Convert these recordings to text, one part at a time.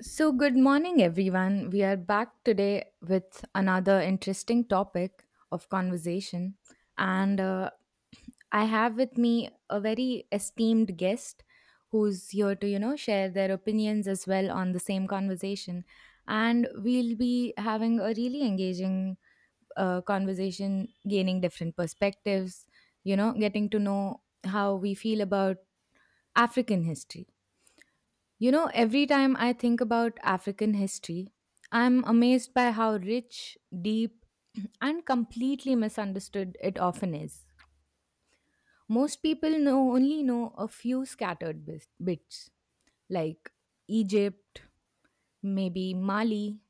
So, good morning, everyone. We are back today with another interesting topic of conversation. And I have with me a very esteemed guest who's here to, you know, share their opinions as well on the same conversation. And we'll be having a really engaging conversation, gaining different perspectives, you know, getting to know how we feel about African history. You know, every time I think about African history, I'm amazed by how rich, deep, and completely misunderstood it often is. Most people know only know a few scattered bits, like Egypt, maybe Mali,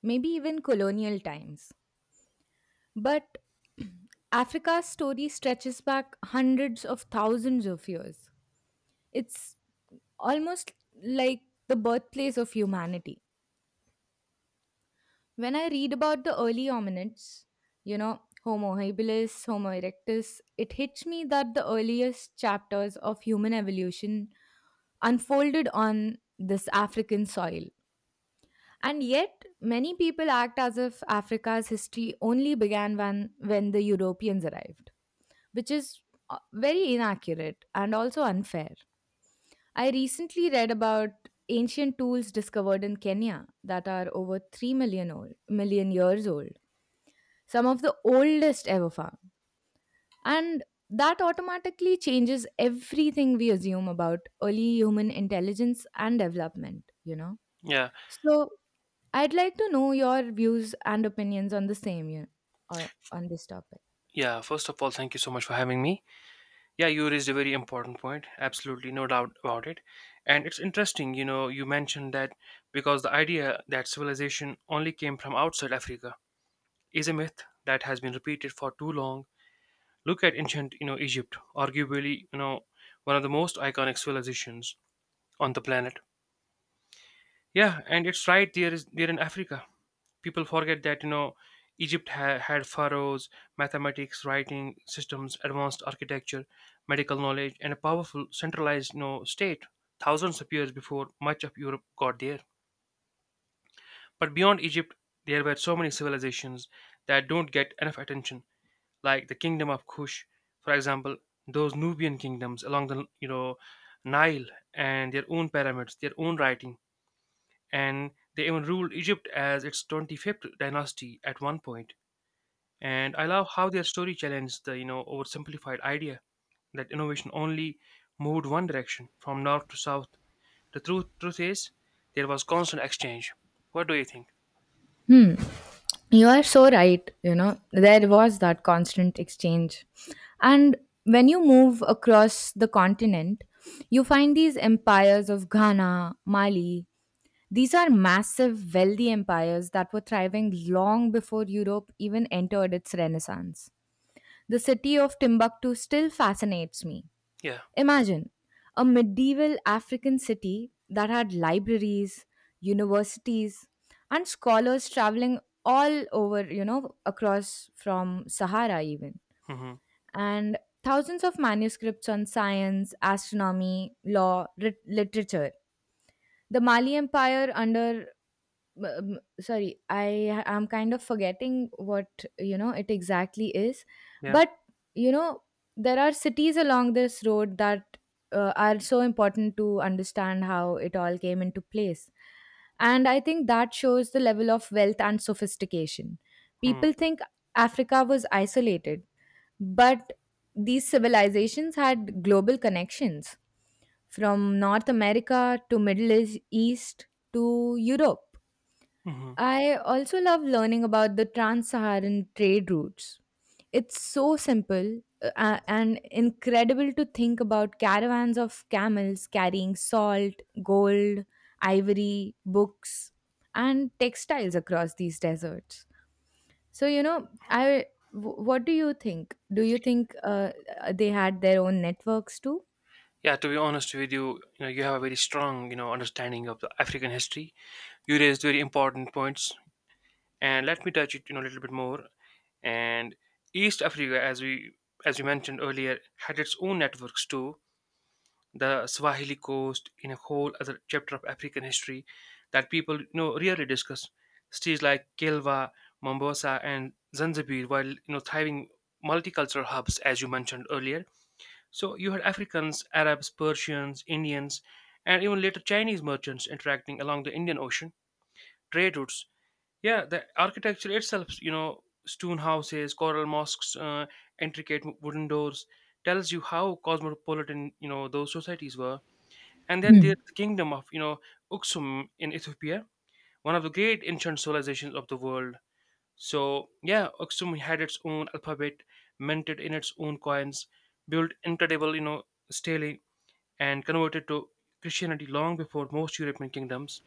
maybe even colonial times. But Africa's story stretches back hundreds of thousands of years. It's almost like the birthplace of humanity. When I read about the early hominids, you know, Homo habilis, Homo erectus, it hits me that the earliest chapters of human evolution unfolded on this African soil. And yet, many people act as if Africa's history only began when the Europeans arrived, which is very inaccurate and also unfair. I recently read about ancient tools discovered in Kenya that are over 3 million old, million years old, some of the oldest ever found. And that automatically changes everything we assume about early human intelligence and development, you know. Yeah, So, I'd like to know your views and opinions on the same, you know, on this topic. yeah. First of all, thank you so much for having me. Yeah, you raised a very important point. Absolutely, no doubt about it. And it's interesting, you know, you mentioned that, because the idea that civilization only came from outside Africa is a myth that has been repeated for too long. Look at ancient, you know, Egypt, arguably, you know, one of the most iconic civilizations on the planet. Yeah, and it's right there is there in Africa. People forget that, you know, Egypt had pharaohs, mathematics, writing systems, advanced architecture, medical knowledge, and a powerful centralized, you know, state, thousands of years before much of europe got there. But beyond egypt, there were so many civilizations that don't get enough attention, like the kingdom of kush, for example. Those nubian kingdoms along the, you know, nile, and their own pyramids, their own writing, and they even ruled egypt as its 25th dynasty at one point. And I love how their story challenged the, you know, oversimplified idea that innovation only moved one direction, from north to south. The truth is, there was constant exchange. What do you think? Hmm. You are so right. You know, there was that constant exchange. And when you move across the continent, you find these empires of Ghana, Mali. These are massive, wealthy empires that were thriving long before Europe even entered its renaissance. The city of Timbuktu still fascinates me. Yeah. Imagine a medieval African city that had libraries, universities, and scholars traveling all over, you know, across from Sahara even. hmm And thousands of manuscripts on science, astronomy, law, literature. The Mali Empire under sorry, I am kind of forgetting what, you know, it exactly is, Yeah. but you know there are cities along this road that are so important to understand how it all came into place, and I think that shows the level of wealth and sophistication. hmm People think Africa was isolated, but these civilizations had global connections from North America to East to Europe. hmm I also love learning about the Trans Saharan trade routes. It's so simple and incredible to think about caravans of camels carrying salt, gold, ivory, books, and textiles across these deserts. So, you know, What do you think? Do you think they had their own networks too? Yeah. To be honest with you, you know, you have a very strong, you know, understanding of the African history. You raised very important points, and let me touch it, you know, a little bit more. And East Africa, as we mentioned earlier, had its own networks too. The Swahili coast, in a whole other chapter of African history that people, you know, rarely discuss. Cities like Kilwa, Mombasa, and Zanzibar were, you know, thriving multicultural hubs, as you mentioned earlier. So you had Africans, Arabs, Persians, Indians, and even later Chinese merchants interacting along the Indian Ocean trade routes. Yeah, the architecture itself, you know, stone houses, coral mosques, intricate wooden doors, tells you how cosmopolitan, you know, those societies were. And then Hmm. there's the kingdom of, you know, Uksum in Ethiopia, one of the great ancient civilizations of the world. So, yeah, Uksum had its own alphabet, minted in its own coins, built incredible, you know, stele, and converted to Christianity long before most European kingdoms.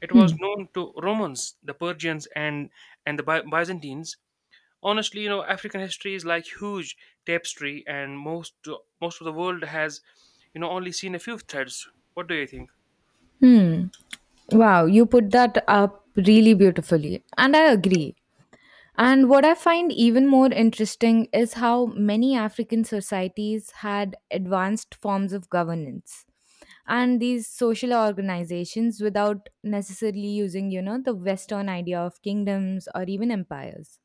It Hmm. was known to Romans, the Persians, and and the Byzantines. Honestly, you know, African history is like huge tapestry, and most of the world has, you know, only seen a few threads. What do you think? Hmm. Wow, you put that up really beautifully. And I agree. And what I find even more interesting is how many African societies had advanced forms of governance and these social organizations without necessarily using, you know, the Western idea of kingdoms or even empires.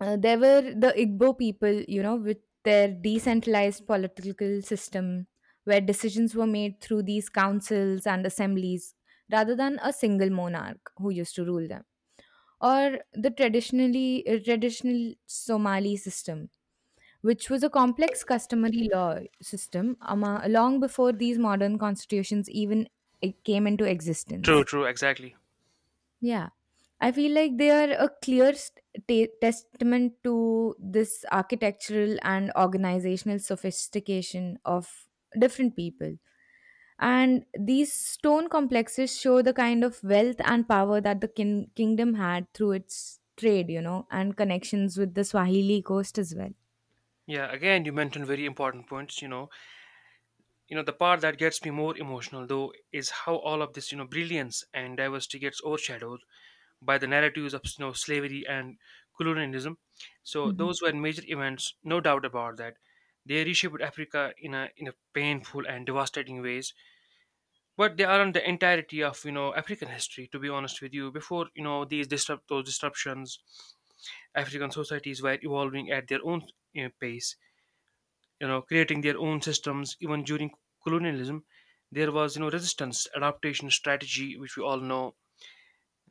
There were the Igbo people, you know, with their decentralized political system where decisions were made through these councils and assemblies rather than a single monarch who used to rule them, or the traditional Somali system, which was a complex customary law system long before these modern constitutions even came into True, existence. true, exactly. Yeah. I feel like they are a clear testament to this architectural and organizational sophistication of different people. And these stone complexes show the kind of wealth and power that the kingdom had through its trade, you know, and connections with the Swahili coast as well. Yeah, again, you mentioned very important points. You know, the part that gets me more emotional though is how all of this, you know, brilliance and diversity gets overshadowed by the narratives of, you know, slavery and colonialism. So Mhm. those were major events, no doubt about that. They reshaped Africa in a painful and devastating ways, but they aren't the entirety of, you know, African history. To be honest with you, before, you know, these disrupt those disruptions, African societies were evolving at their own, you know, pace, you know, creating their own systems. Even during colonialism, there was, you know, resistance, adaptation, strategy, which we all know.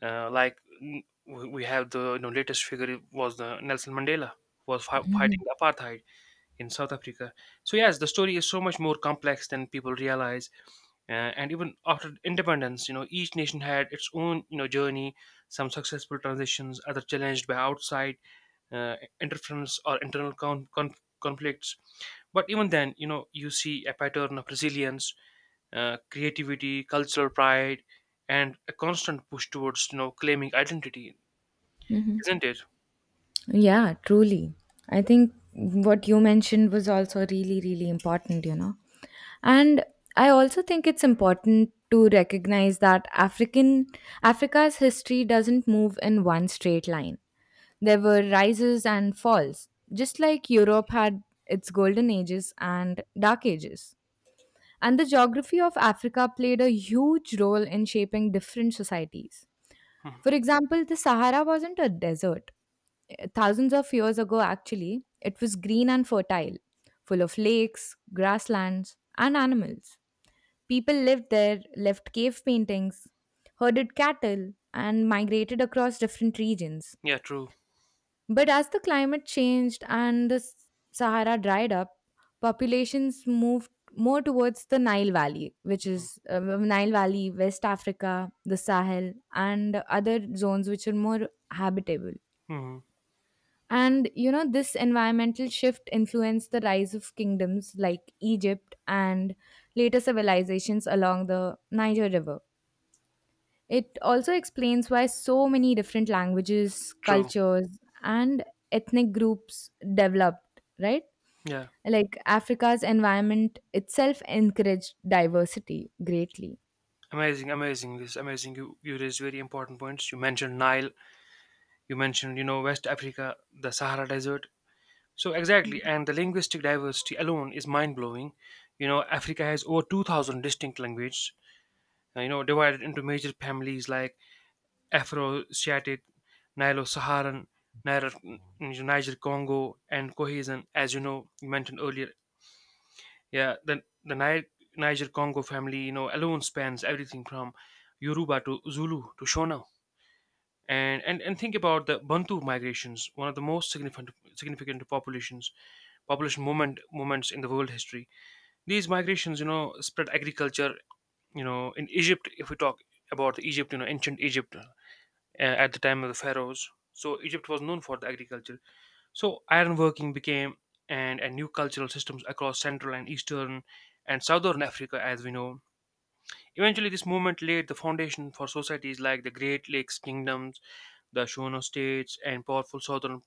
Like, we have the, you know, latest figure was the nelson mandela, who was fighting the apartheid in south africa. So yes, the story is so much more complex than people realize. And even after independence, you know, each nation had its own, you know, journey. Some successful transitions, other challenged by outside interference or internal conflicts. But even then, you know, you see a pattern of resilience, creativity, cultural pride, and a constant push towards, you know, claiming identity, isn't it? Yeah, truly. I think what you mentioned was also really, really important, you know. And I also think it's important to recognize that African Africa's history doesn't move in one straight line. There were rises and falls, just like Europe had its golden ages and dark ages. And the geography of Africa played a huge role in shaping different societies. Mhm. For example, the Sahara wasn't a desert. Thousands of years ago, actually, it was green and fertile, full of lakes, grasslands, and animals. People lived there, left cave paintings, herded cattle, and migrated across different regions. yeah true But as the climate changed and the Sahara dried up, populations moved more towards the Nile Valley, which Mhm. is Nile Valley, West Africa, the Sahel, and other zones which are more habitable. Mhm. And you know, this environmental shift influenced the rise of kingdoms like Egypt and later civilizations along the Niger River. It also explains why so many different languages, true cultures, and ethnic groups developed, right? yeah Like Africa's environment itself encouraged diversity greatly. Amazing, amazing, this amazing. You raised very important points. You mentioned nile, you mentioned, you know, west africa, the sahara desert. So exactly. And the linguistic diversity alone is mind-blowing. You know, africa has over 2000 distinct languages, you know, divided into major families like Afro-Asiatic, Nilo-Saharan, Niger, Niger Congo, and Cohesion. As you know, you mentioned earlier, yeah, the Niger Congo family, you know, alone spans everything from Yoruba to Zulu to Shona. And think about the Bantu migrations, one of the most significant population movements in the world history. These migrations, you know, spread agriculture. You know, in Egypt, if we talk about Egypt, you know, ancient Egypt, at the time of the pharaohs. So Egypt was known for the agriculture. So ironworking became and a new cultural systems across central and eastern and southern Africa, as we know. Eventually, this movement laid the foundation for societies like the Great Lakes kingdoms, the Shona states, and powerful southern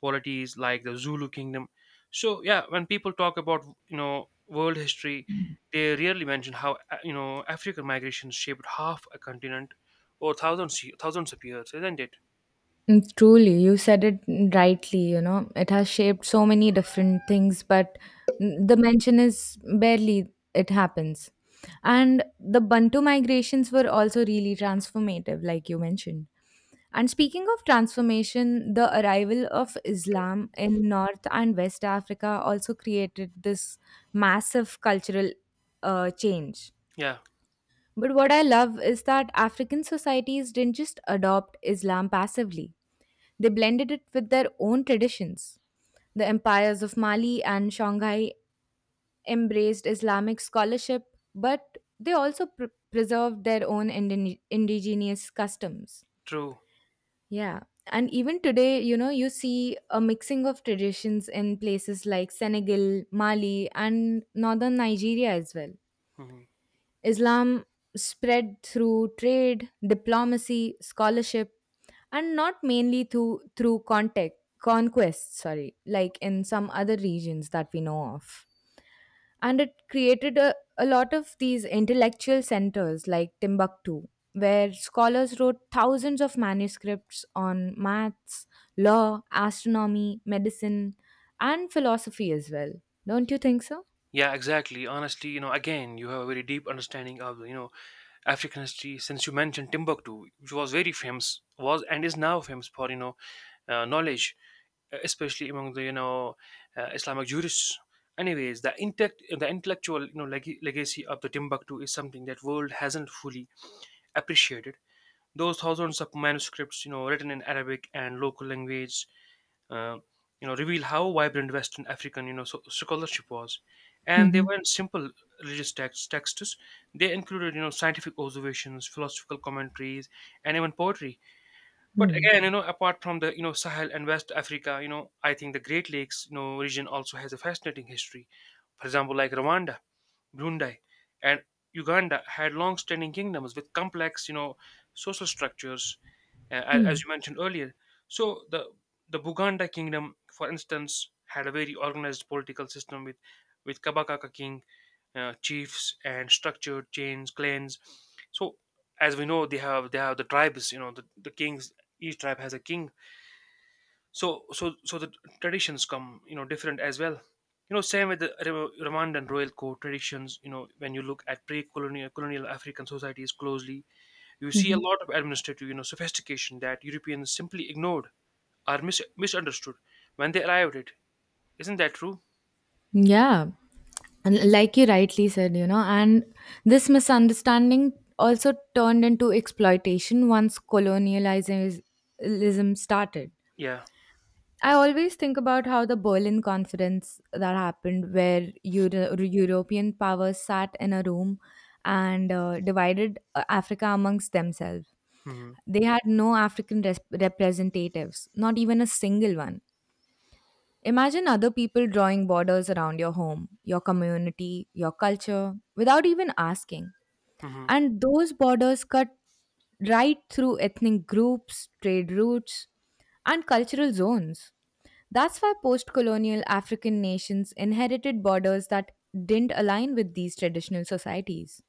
polities like the Zulu kingdom. So yeah, when people talk about, you know, world history, they rarely mention how, you know, African migration shaped half a continent or thousands of years, isn't it? Mm, truly, you said it rightly. You know, it has shaped so many different things, but mm, the mention is barely it happens. And the Bantu migrations were also really transformative, like you mentioned. And speaking of transformation, the arrival of Islam in North and West Africa also created this massive cultural change. Yeah. But what I love is that African societies didn't just adopt Islam passively, they blended it with their own traditions. The empires of Mali and Shanghai embraced Islamic scholarship, but they also preserved their own indigenous customs. True. Yeah. And even today, you know, you see a mixing of traditions in places like Senegal, Mali, and northern Nigeria as well. Mhm. Islam spread through trade, diplomacy, scholarship, and not mainly through contact, conquest, sorry, like in some other regions that we know of. And it created a lot of these intellectual centers like Timbuktu, where scholars wrote thousands of manuscripts on maths, law, astronomy, medicine, and philosophy as well. Don't you think so? Yeah, exactly. Honestly, you know, again, you have a very deep understanding of, you know, African history. Since you mentioned Timbuktu, which was very famous, was and is now famous for, you know, knowledge, especially among the, you know, Islamic jurists. Anyways, the intellectual, you know, legacy of the Timbuktu is something that world hasn't fully appreciated. Those thousands of manuscripts, you know, written in Arabic and local language, uh, you know, reveal how vibrant Western African, you know, scholarship was. And they Mm-hmm. weren't simple religious texts. They included, you know, scientific observations, philosophical commentaries, and even poetry. But Hmm. again, you know, apart from the, you know, Sahel and West Africa, you know, I think the Great Lakes, you know, region also has a fascinating history. For example, like Rwanda, Brunei, and Uganda had long-standing kingdoms with complex, you know, social structures, as you mentioned earlier. So the Buganda kingdom, for instance, had a very organized political system with Kabakaka king, chiefs, and structured chains, clans. So as we know, they have the tribes. You know, the kings. Each tribe has a king, so so the traditions come, you know, different as well. You know, same with the rwandan royal court traditions. You know, when you look at pre-colonial colonial african societies closely, you see Mm-hmm. a lot of administrative, you know, sophistication that europeans simply ignored or misunderstood when they arrived. It isn't that true? Yeah. And like you rightly said, you know, and this misunderstanding also turned into exploitation once colonialism started. yeah I always think about how the Berlin Conference that happened, where European powers sat in a room and divided Africa amongst themselves. mm-hmm. They had no African representatives, not even a single one. Imagine other people drawing borders around your home, your community, your culture, without even asking. Mm-hmm. And those borders cut right through ethnic groups, trade routes, and cultural zones. That's why post colonial African nations inherited borders that didn't align with these traditional societies.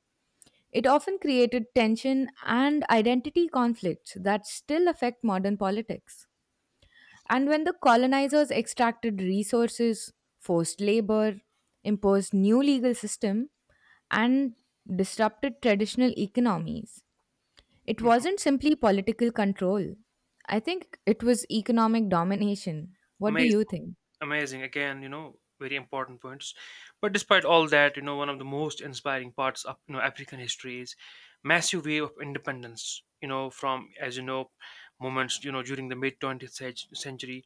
It often created tension and identity conflicts that still affect modern politics. And when the colonizers extracted resources, forced labor, imposed new legal system, and disrupted traditional economies, it Mm-hmm. wasn't simply political control. I think it was economic domination. What do you Amazing, think? amazing. Again, you know, very important points. But despite all that, you know, one of the most inspiring parts of, you know, African history is massive wave of independence. You know, from, as you know, moments, you know, during the mid twentieth century,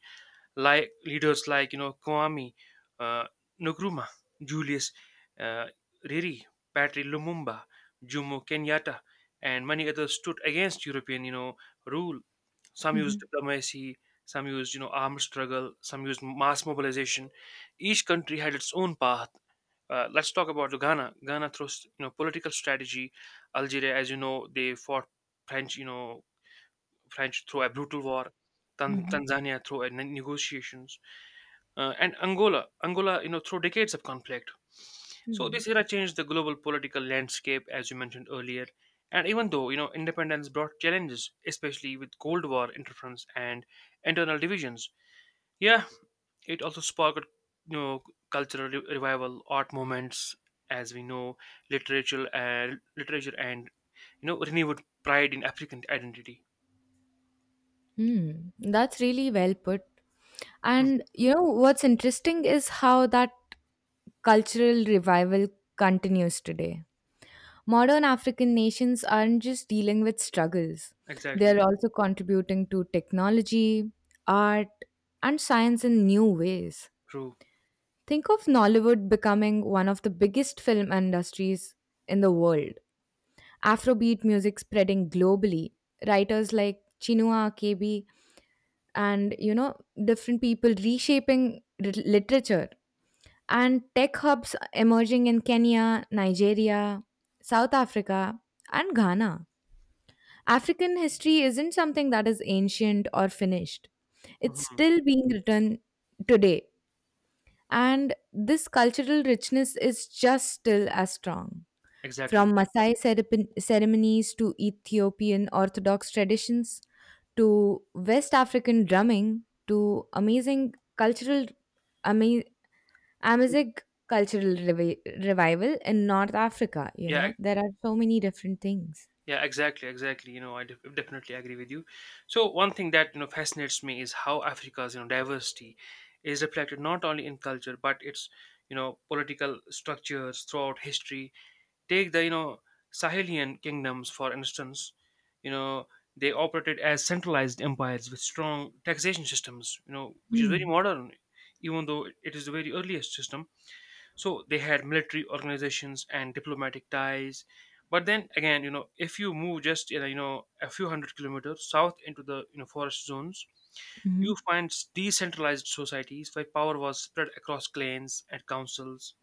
like leaders like, you know, Kwame uh, Nkrumah, Julius uh, Riri, Patrick Lumumba, Jomo Kenyatta, and many others stood against European, you know, rule. Some used Hmm. diplomacy, some used, you know, armed struggle, some used mass mobilization. Each country had its own path. Let's talk about Ghana. Ghana through, you know, political strategy. Algeria, as you know, they fought French, you know, French through a brutal war. Tan- Hmm. Tanzania through a negotiations, and Angola, you know, through decades of conflict. So Hmm. this era changed the global political landscape, as you mentioned earlier. And even though, you know, independence brought challenges, especially with Cold War interference and internal divisions, yeah, it also sparked, you know, cultural revival, art movements, as we know, literature and, you know, renewed pride in African identity. Hmm. That's really well put. Hmm, And you know what's interesting is how that cultural revival continues today. Modern African nations aren't just dealing with struggles, they're Exactly. also contributing to technology, art, and science in new ways. True. Think of Nollywood becoming one of the biggest film industries in the world, Afrobeat music spreading globally, writers like Chinua Achebe and you know different people reshaping literature, and tech hubs emerging in Kenya, Nigeria, South Africa and Ghana. African history isn't something that is ancient or finished. It's Mhm. still being written today. And this cultural richness is just still as strong. From Exactly. Maasai ceremonies to Ethiopian Orthodox traditions to West African drumming to amazing cultural, ama- Amazigh cultural revival in North Africa, you Yeah. know, ex- there are so many different things. Yeah. Exactly, exactly. You know, I definitely agree with you. So one thing that, you know, fascinates me is how Africa's, you know, diversity is reflected not only in culture but its, you know, political structures throughout history. Take the, you know, Sahelian kingdoms, for instance. You know, they operated as centralized empires with strong taxation systems, you know, which is very Hmm. modern, even though it is the very earliest system. So they had military organizations and diplomatic ties. But then again, you know, if you move just, you know, a few hundred kilometers south into the, you know, forest zones, you Mhm. find decentralized societies where power was spread across clans and councils.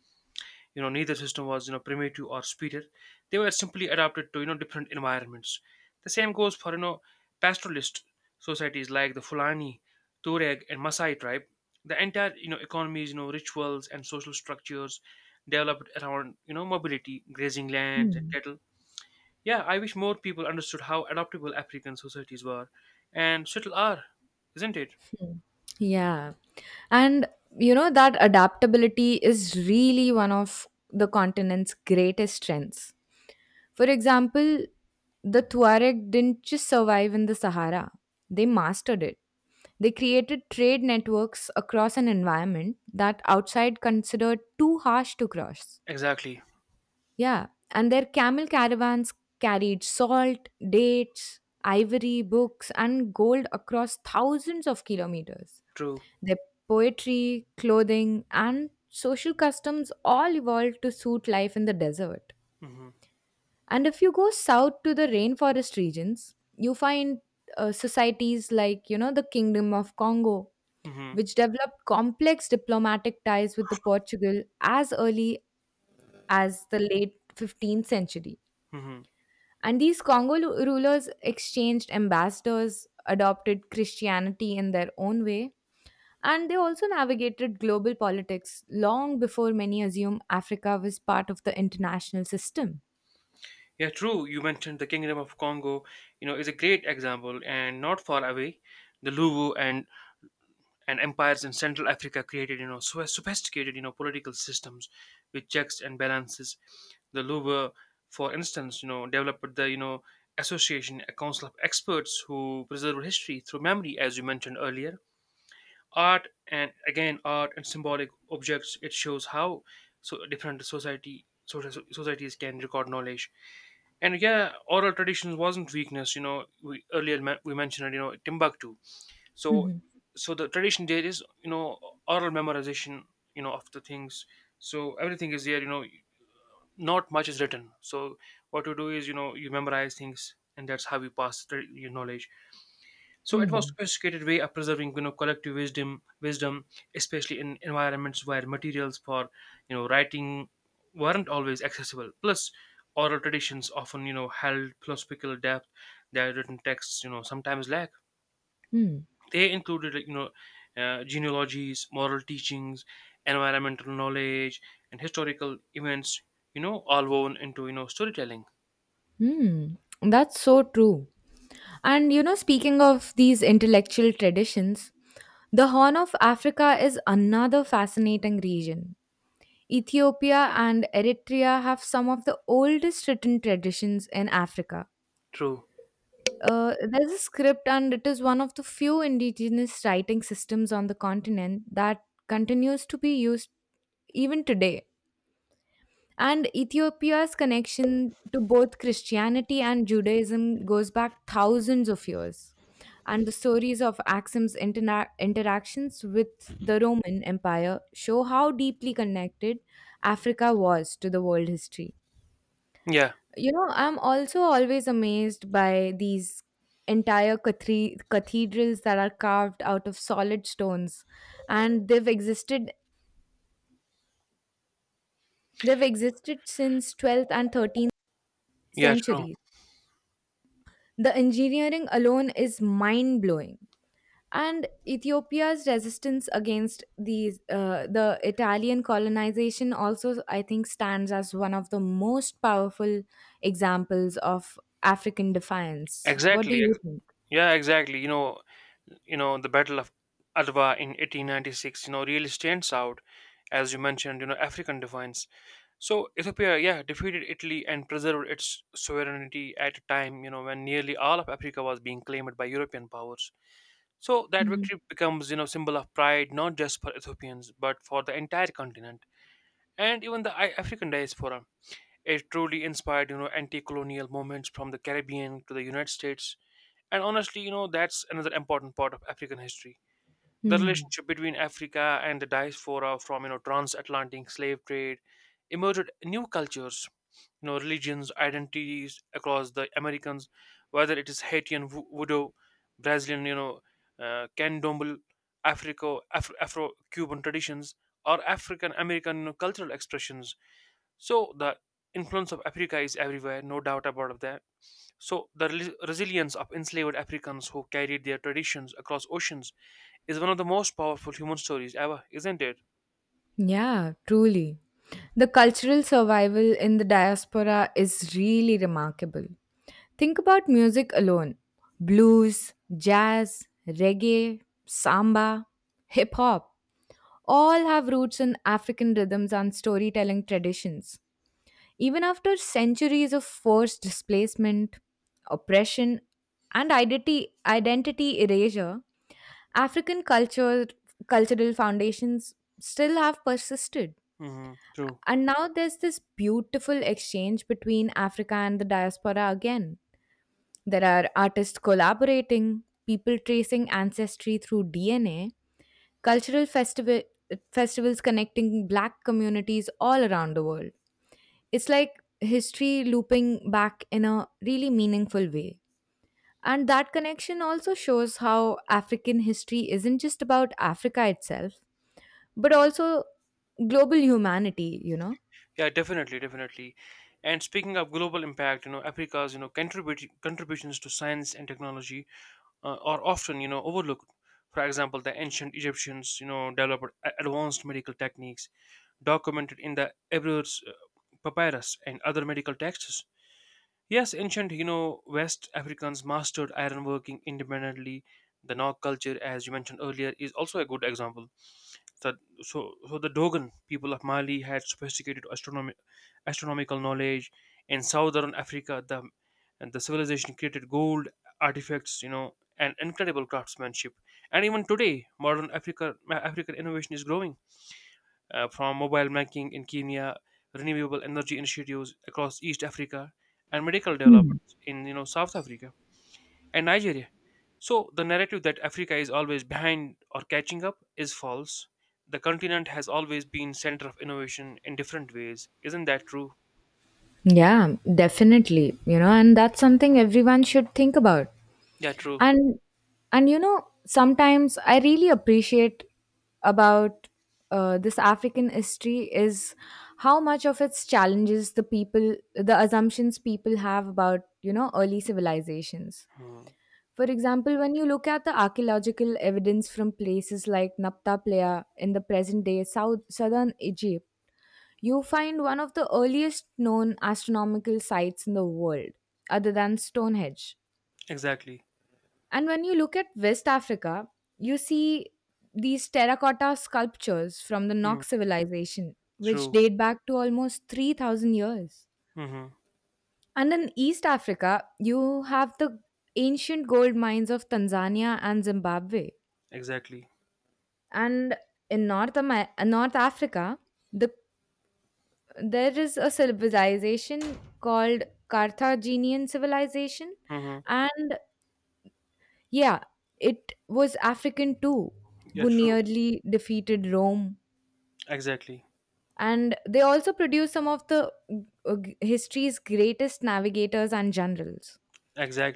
You know, neither system was, you know, primitive or superior. They were simply adapted to, you know, different environments. The same goes for, you know, pastoralist societies like the fulani, tuareg, and Maasai tribe. The entire, you know, economies, you know, rituals, and social structures developed around, you know, mobility, grazing lands, and Hmm. cattle. Yeah, I wish more people understood how adaptable african societies were, and still are, isn't it? Mm. Yeah. And you know that adaptability is really one of the continent's greatest strengths. For example, the Tuareg didn't just survive in the Sahara, they mastered it. They created trade networks across an environment that outside considered too harsh to cross. Exactly. Yeah, and their camel caravans carried salt, dates, ivory, books, and gold across thousands of kilometers. True. Their poetry, clothing, and social customs all evolved to suit life in the desert. mm-hmm. And if you go south to the rainforest regions, you find societies like, you know, the Kingdom of Congo, Mm-hmm. which developed complex diplomatic ties with the Portugal as early as the late 15th century. Mm-hmm. And these Congo rulers exchanged ambassadors, adopted Christianity in their own way, and they also navigated global politics long before many assume Africa was part of the international system. Yeah, true. You mentioned the Kingdom of Congo, is a great example, and not far away, the Luwu and empires in Central Africa created, so sophisticated, political systems with checks and balances. The Luwu, for instance, developed the, association, a council of experts who preserve history through memory, as you mentioned earlier art and again art and symbolic objects. It shows how so different society social so, societies can record knowledge. And yeah, oral traditions wasn't weakness, we mentioned it, Timbuktu. so Hmm. so the tradition there is, oral memorization, of the things. So everything is there, not much is written. So what you do is, you memorize things, and that's how you pass your knowledge. So it was Hmm. sophisticated way of preserving, collective wisdom, especially in environments where materials for, writing weren't always accessible. Plus, oral traditions often, held philosophical depth that written texts, sometimes lack. Hmm. They included, like, genealogies, moral teachings, environmental knowledge, and historical events. All woven into, storytelling. Hmm. That's so true. And you know, speaking of these intellectual traditions, the Horn of Africa is another fascinating region. Ethiopia and Eritrea have some of the oldest written traditions in Africa. True. There's a script, and it is one of the few indigenous writing systems on the continent that continues to be used even today. And Ethiopia's connection to both Christianity and Judaism goes back thousands of years. And the stories of Axum's interactions with the Roman Empire show how deeply connected Africa was to the world history. Yeah. You know, I'm also always amazed by these entire cathedrals that are carved out of solid stones, and they've existed since 12th and 13th Yeah. True. centuries. The engineering alone is mind blowing. And Ethiopia's resistance against these, the Italian colonization also, I think, stands as one of the most powerful examples of African defiance. What do Exactly. you think? Yeah. Exactly. You know the battle of Adwa in 1896 you know really stands out, as you mentioned, African defiance. So Ethiopia, yeah, defeated Italy and preserved its sovereignty at a time, when nearly all of Africa was being claimed by European powers. So that Mhm. victory becomes, symbol of pride, not just for Ethiopians but for the entire continent, and even the African diaspora. It truly inspired, anti-colonial movements from the Caribbean to the United States. And honestly, that's another important part of African history, the Mhm. relationship between Africa and the diaspora. From, transatlantic slave trade emerged new cultures, religions, identities across the Americans, whether it is Haitian voodoo, Brazilian, candomblé, Afro-Cuban traditions, or African American, cultural expressions. So the influence of Africa is everywhere, no doubt about that. So the resilience of enslaved Africans who carried their traditions across oceans is one of the most powerful human stories ever, isn't it? Yeah, truly. The cultural survival in the diaspora is really remarkable. Think about music alone, blues, jazz, reggae, samba, hip hop, all have roots in African rhythms and storytelling traditions. Even after centuries of forced displacement, oppression, and identity erasure, African culture, cultural foundations still have persisted. Hmm. True. And now there's this beautiful exchange between Africa and the diaspora again. There are artists collaborating, people tracing ancestry through DNA, cultural festival festivals connecting black communities all around the world. It's like history looping back in a really meaningful way. And that connection also shows how African history isn't just about Africa itself, but also global humanity, you know? Yeah, definitely. And speaking of global impact, Africa's you know contribute contributions to science and technology are often, overlooked. For example, the ancient Egyptians, developed advanced medical techniques documented in the Ebers, papyrus and other medical texts. Yes, ancient, West Africans mastered iron working independently. The Nok culture, as you mentioned earlier, is also a good example. That so so the Dogon people of Mali had sophisticated astronomical knowledge. In southern Africa, the civilization created gold artifacts, and incredible craftsmanship. And even today, modern African innovation is growing, from mobile banking in Kenya, renewable energy initiatives across East Africa, and medical developments in, South Africa and Nigeria. So, the narrative that Africa is always behind or catching up is false. The continent has always been center of innovation in different ways. Isn't that true? Yeah, definitely. You know, and that's something everyone should think about. Yeah, true. And you know sometimes I really appreciate about this African history is how much of its challenges the people, the assumptions people have about, you know, early civilizations. Hmm. For example, when you look at the archaeological evidence from places like Napta Playa in the present day southern Egypt, you find one of the earliest known astronomical sites in the world, other than Stonehenge. Exactly. And when you look at West Africa, you see these terracotta sculptures from the Nok Hmm. civilization, which True. date back to almost 3,000 years. Hmm. And in East Africa, you have the ancient gold mines of Tanzania and Zimbabwe. Exactly. And in North, North Africa, the, there is a civilization called Carthaginian civilization, Hmm. and yeah, it was African too, Yeah, who true. nearly defeated Rome. Exactly. And they also produced some of the history's greatest navigators and generals.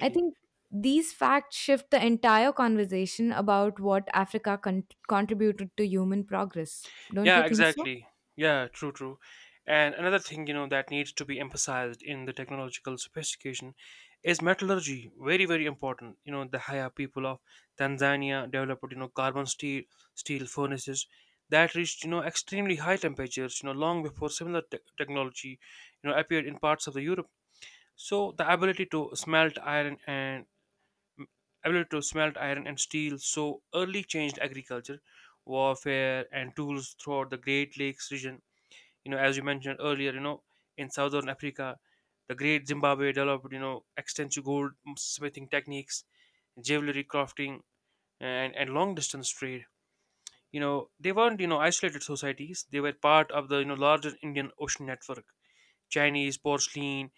I think these facts shift the entire conversation about what Africa contributed to human progress. Don't you Yeah, think so? exactly. Yeah, true. And another thing, that needs to be emphasized in the technological sophistication is metallurgy. Very important. You know, the higher people of Tanzania developed, carbon steel furnaces that reached, extremely high temperatures, long before similar technology, appeared in parts of the Europe. So the ability to smelt iron and ability to smelt iron and steel so early changed agriculture, warfare, and tools throughout the Great Lakes region. You know, as you mentioned earlier, in southern Africa, the Great Zimbabwe developed, extensive gold smithing techniques, jewelry crafting, and long distance trade. You know, they weren't, isolated societies. They were part of the, larger Indian Ocean network. Chinese porcelain,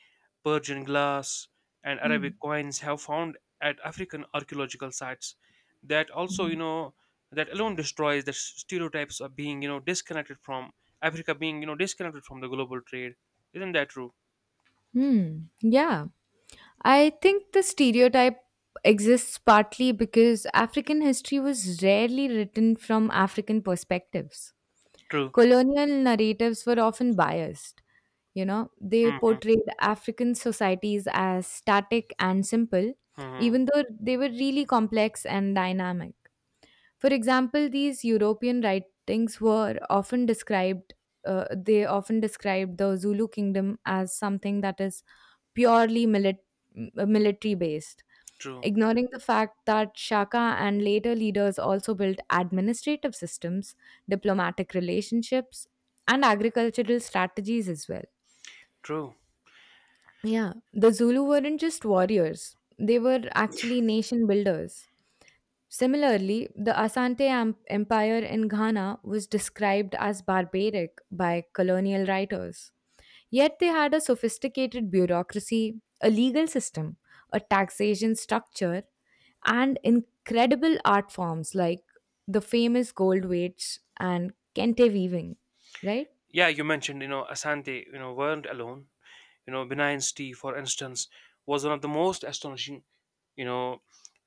Persian glass, and Arabic Hmm. coins have found at African archaeological sites. That also, that alone destroys the stereotypes of being, disconnected from being, disconnected from the global trade. Isn't that true? Hmm. Yeah. I think the stereotype exists partly because African history was rarely written from African perspectives. True. Colonial narratives were often biased. You know, they Hmm. portrayed African societies as static and simple, Hmm. even though they were really complex and dynamic. For example, these European writings were often described. They often described the Zulu kingdom as something that is purely military based, True. ignoring the fact that Shaka and later leaders also built administrative systems, diplomatic relationships, and agricultural strategies as well. True. Yeah, the Zulu weren't just warriors, they were actually nation builders. Similarly, the Empire in Ghana was described as barbaric by colonial writers. Yet they had a sophisticated bureaucracy, a legal system, a taxation structure, and incredible art forms like the famous gold weights and kente weaving, right? Yeah, you mentioned, Asante, weren't alone. You know, benign tea, for instance, was one of the most astonishing, you know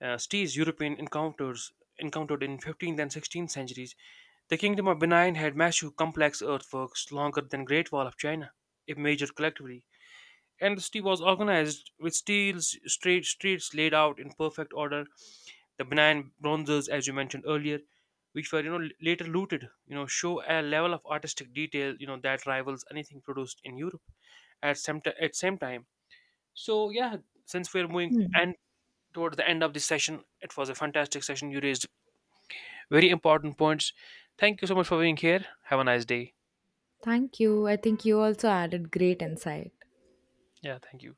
stees European encounters encountered in 15th and 16th centuries. The Kingdom of Benin had massive complex earthworks longer than Great Wall of China, if measured collectively, and the city was organized with steel straight streets laid out in perfect order. The Benin bronzes, as you mentioned earlier, which were, later looted, show a level of artistic detail, that rivals anything produced in Europe at at same time. So yeah, since we're moving Hmm. and towards the end of this session, it was a fantastic session. You raised very important points. Thank you so much for being here. Have a nice day. Thank you. I think you also added great insight. Yeah, thank you.